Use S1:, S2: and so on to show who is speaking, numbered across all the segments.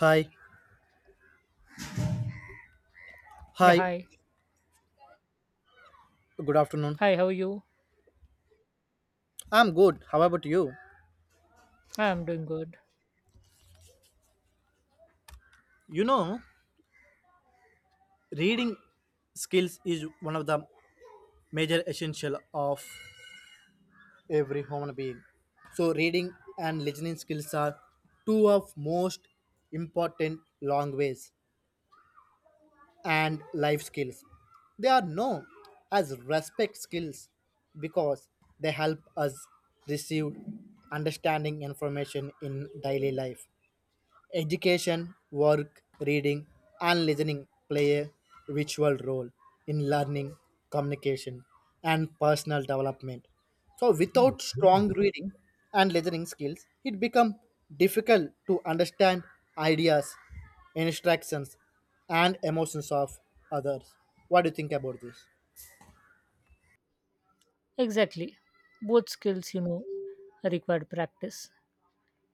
S1: Hi,
S2: Yeah,
S1: hi,
S2: hi.
S1: good afternoon.
S2: Hi, how are you?
S1: I'm good. How about you?
S2: I am doing good.
S1: You know, reading skills is one of the major essential of every human being. So reading and listening skills are two of most important language and life skills. They are known as respect skills because they help us receive understanding information in daily life. Education, work, reading, and listening play a virtual role in learning, communication, and personal development. So, without strong reading and listening skills, it becomes difficult to understand ideas, instructions, and emotions of others. What do you think about this?
S2: Exactly. Both skills, required practice.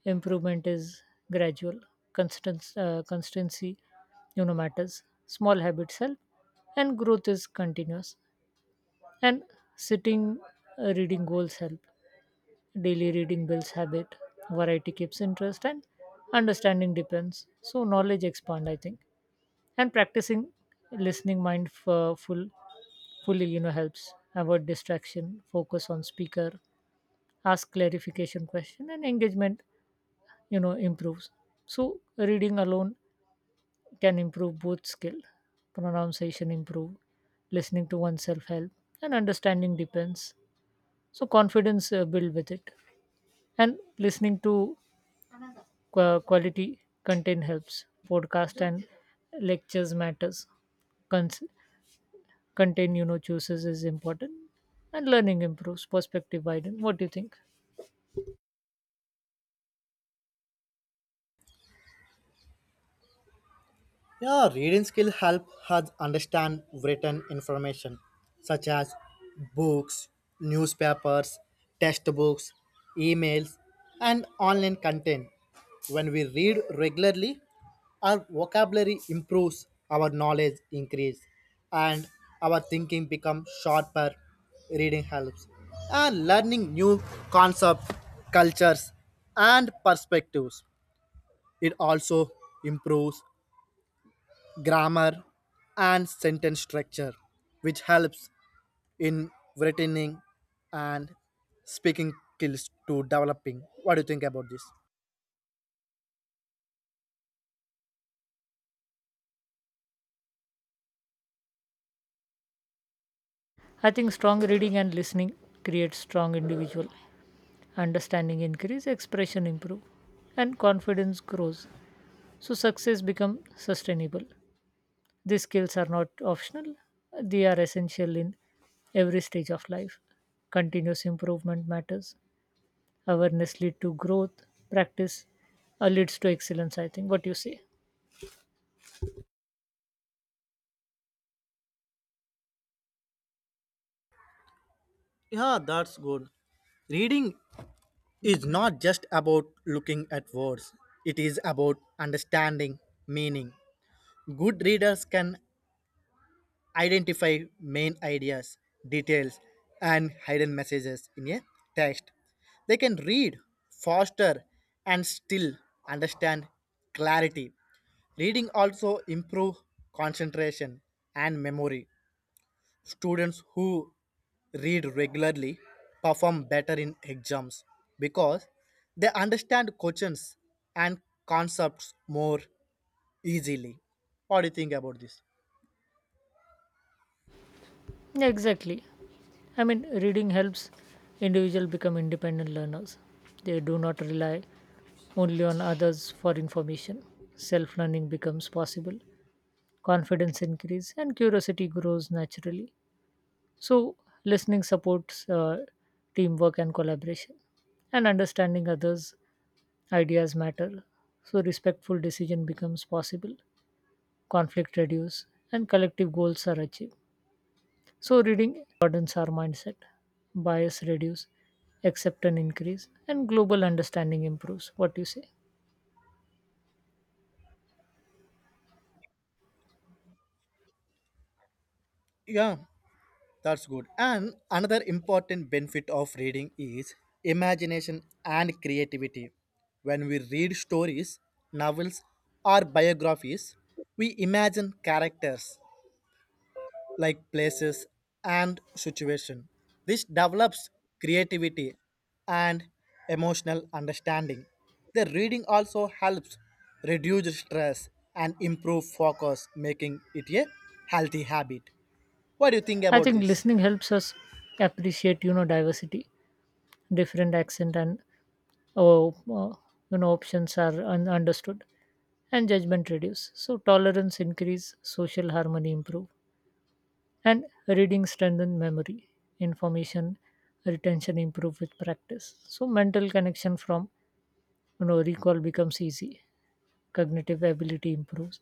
S2: Improvement is gradual. Constancy, matters. Small habits help, and growth is continuous. And sitting, reading goals help. Daily reading builds habit. Variety keeps interest, and understanding depends. So knowledge expand, I think. And practicing listening mindful fully, helps avoid distraction, focus on speaker, ask clarification question, and engagement, improves. So reading alone can improve both skill, pronunciation improve, listening to oneself help, and understanding depends. So confidence build with it, and listening to quality content helps, podcast and lectures matters. Cons- Content, chooses is important, and learning improves, perspective widen. What do you think?
S1: Yeah, reading skill help us understand written information such as books, newspapers, textbooks, emails, and online content. When we read regularly, our vocabulary improves, our knowledge increase, and our thinking becomes sharper. Reading helps and learning new concepts, cultures, and perspectives. It also improves grammar, and sentence structure, which helps in writing and speaking skills to developing. What do you think about this?
S2: I think strong reading and listening creates strong individual, understanding increase, expression improve, and confidence grows. So success become sustainable. These skills are not optional, they are essential in every stage of life. Continuous improvement matters, awareness lead to growth, practice leads to excellence, I think. What do you say?
S1: Yeah, that's good. Reading is not just about looking at words, it is about understanding meaning. Good readers can identify main ideas, details, and hidden messages in a text. They can read faster and still understand clarity. Reading also improve concentration and memory. Students who read regularly perform better in exams because they understand questions and concepts more easily. What do you think about this?
S2: Yeah, exactly. I mean, reading helps individual become independent learners. They do not rely only on others for information. Self-learning becomes possible. Confidence increases and curiosity grows naturally. So, listening supports teamwork and collaboration, and understanding others' ideas matter. So, respectful decision becomes possible. Conflict reduces and collective goals are achieved. So, reading broadens our mindset, bias reduce, acceptance increase, and global understanding improves. What do you say?
S1: Yeah, that's good. And another important benefit of reading is imagination and creativity. When we read stories, novels, or biographies, we imagine characters like places and situation. This develops creativity and emotional understanding. The reading also helps reduce stress and improve focus, making it a healthy habit. What do you think
S2: I
S1: about
S2: think
S1: this?
S2: listening helps us appreciate, diversity, different accent, and uh, uh, options are understood, and judgment reduce. So tolerance increase, social harmony improve, and reading strengthen memory, information retention improve with practice. So mental connection from, recall becomes easy, cognitive ability improves,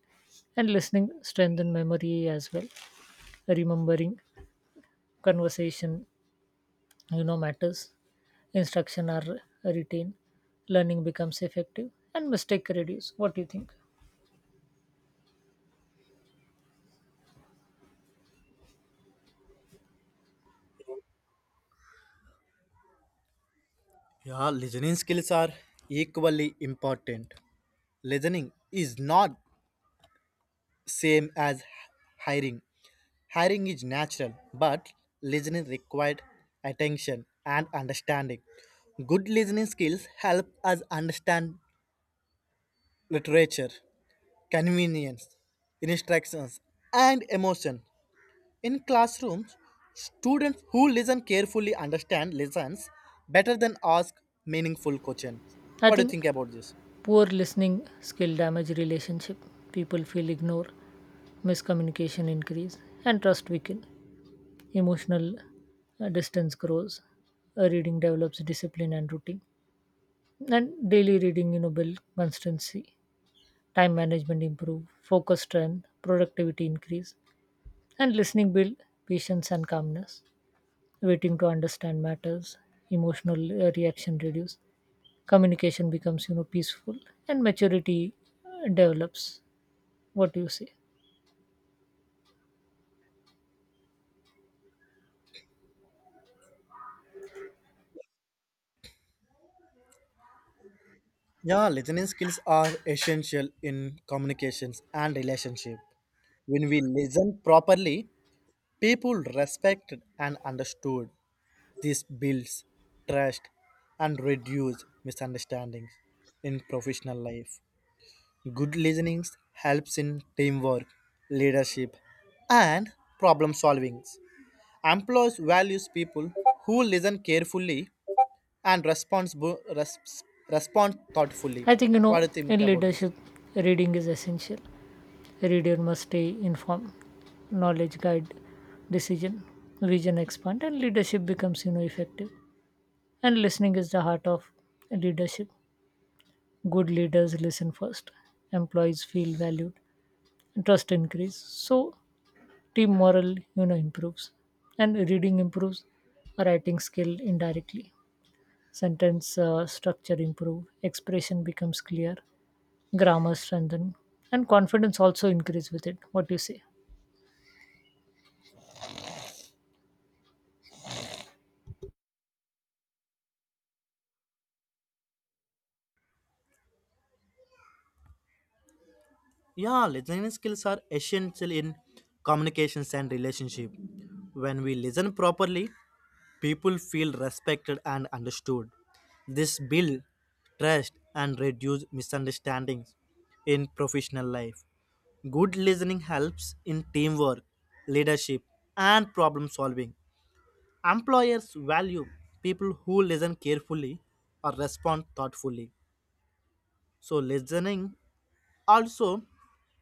S2: and listening strengthen memory as well. Remembering conversation, matters, instruction are retained, learning becomes effective, and mistake reduce. What do you think?
S1: Yeah, listening skills are equally important. Listening is not same as hiring. Hiring is natural, but listening required attention and understanding. Good listening skills help us understand literature, convenience, instructions, and emotion. In classrooms, students who listen carefully understand lessons better than ask meaningful questions.
S2: I
S1: What do you think
S2: think
S1: about this?
S2: poor listening skill damage relationship, people feel ignored, miscommunication increase, and trust weaken, emotional distance grows. Reading develops discipline and routine, and daily reading, build constancy, time management improve, focus strength, productivity increase. And listening build patience and calmness, waiting to understand matters, emotional reaction reduce, communication becomes, peaceful, and maturity develops. What do you say?
S1: Yeah, listening skills are essential in communications and relationship. When we listen properly, people respected and understood. This builds trust and reduce misunderstandings in professional life. Good listening helps in teamwork, leadership, and problem solving. Employers values people who listen carefully and responsible, respond thoughtfully.
S2: I think,
S1: What do you think
S2: in
S1: about this?
S2: leadership, reading is essential. A reader must stay informed, knowledge guide decision, vision expand, and leadership becomes, effective. And listening is the heart of leadership. Good leaders listen first, employees feel valued, and trust increase, so team morale, improves. And reading improves writing skill indirectly, sentence structure improve, expression becomes clear, grammar strengthen, and confidence also increase with it. What do you say?
S1: Yeah, listening skills are essential in communications and relationship. When we listen properly, people feel respected and understood. This build trust and reduce misunderstandings in professional life. Good listening helps in teamwork, leadership, and problem solving. Employers value people who listen carefully or respond thoughtfully. So listening also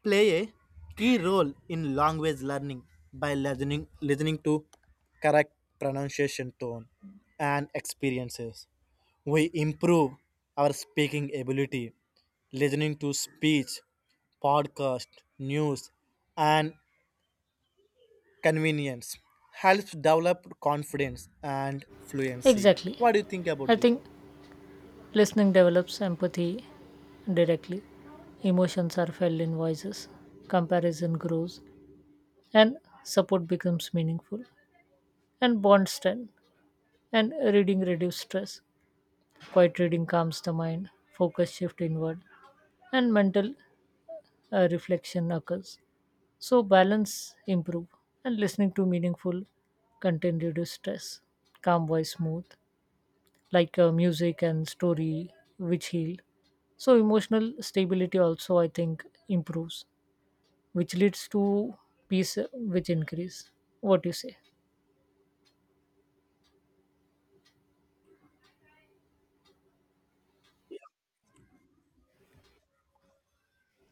S1: play a key role in language learning by listening to correct pronunciation tone and experiences. We improve our speaking ability listening to speech, podcast, news, and convenience helps develop confidence and fluency.
S2: Exactly.
S1: What do you think about
S2: I
S1: this?
S2: think listening develops empathy directly, emotions are felt in voices, comparison grows, and support becomes meaningful, and bond strength. And reading reduces stress. Quiet reading calms the mind, focus shift inward, and mental reflection occurs. So balance improve, and listening to meaningful content reduce stress. Calm voice smooth, like music and story which heal. So emotional stability also, I think, improves, which leads to peace which increase. What do you say?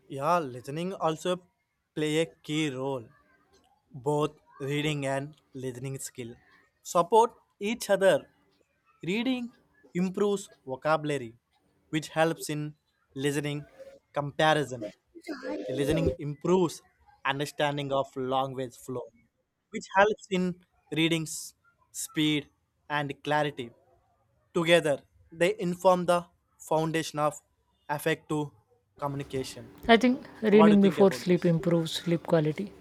S1: Yeah, listening also play a key role. Both reading and listening skill support each other. Reading improves vocabulary, which helps in listening comparison. Listening improves understanding of language flow, which helps in reading speed and clarity. Together they inform the foundation of effective communication.
S2: I think
S1: So what do you
S2: reading
S1: think
S2: before
S1: about
S2: sleep
S1: this?
S2: improves sleep quality.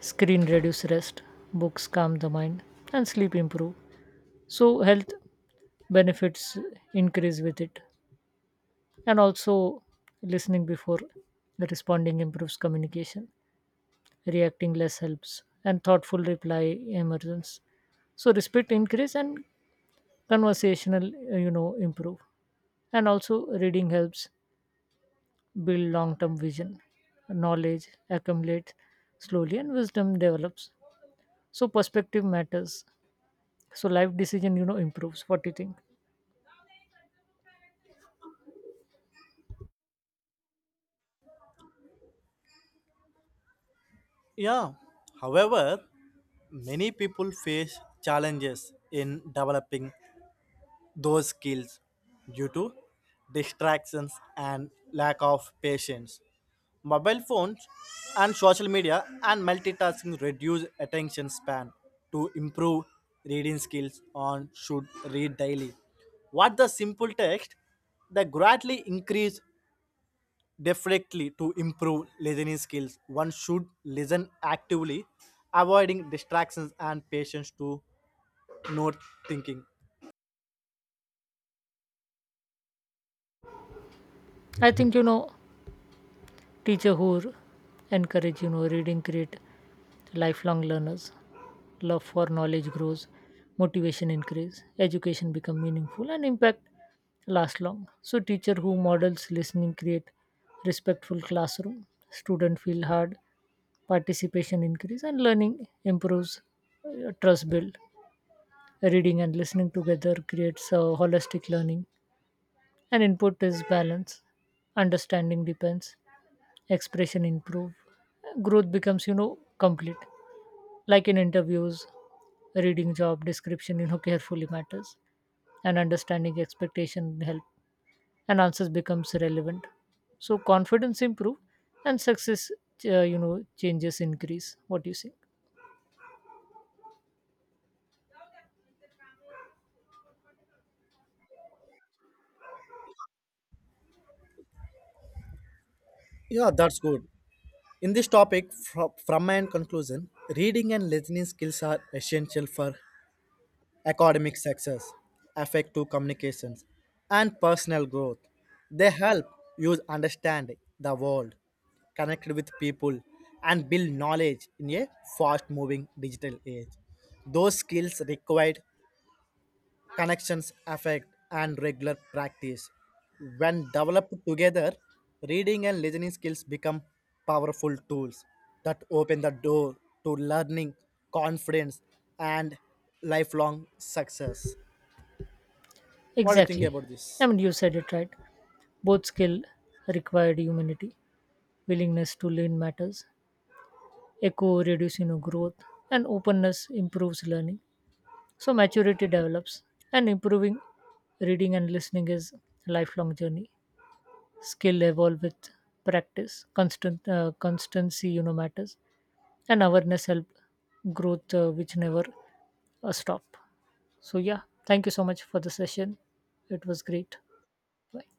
S2: Screen reduce rest, books calm the mind, and sleep improve. So health benefits increase with it. And also listening before responding improves communication, reacting less helps, and thoughtful reply emerges. So respect increase and conversational improve. And also reading helps build long term vision. Knowledge accumulates slowly and wisdom develops. So perspective matters, so life decision, improves. What do you think?
S1: Yeah, however, many people face challenges in developing those skills due to distractions and lack of patience. Mobile phones and social media and multitasking reduce attention span. To improve reading skills, on should read daily. What the simple text, they greatly increase. Definitely, to improve listening skills, one should listen actively, avoiding distractions and patience to note thinking.
S2: I think teacher who encourage, reading create lifelong learners, love for knowledge grows, motivation increase, education become meaningful, and impact last long. So teacher who models listening create respectful classroom, student feel hard, participation increase, and learning improves, trust build. Reading and listening together creates a holistic learning, and input is balance, understanding depends, expression improve, growth becomes, complete. Like in interviews, reading job description, carefully matters, and understanding expectation help, and answers becomes relevant, so confidence improve, and success uh, you know changes increase. What do you say?
S1: Yeah, that's good. In this topic, from my end conclusion, reading and listening skills are essential for academic success, effective communications, and personal growth. They help you understand the world, connect with people, and build knowledge in a fast moving digital age. Those skills required connections, affect, and regular practice. When developed together, reading and listening skills become powerful tools that open the door to learning, confidence, and lifelong success. What do you think
S2: Exactly.
S1: about
S2: I
S1: this?
S2: mean, you said it right. Both skill required humanity, willingness to learn matters, echo reducing, know, growth and openness improves learning, so maturity develops. And improving reading and listening is a lifelong journey, skill evolve with practice, constant constancy, matters, and awareness help, growth which never stop. So yeah, thank you so much for the session, it was great. Bye.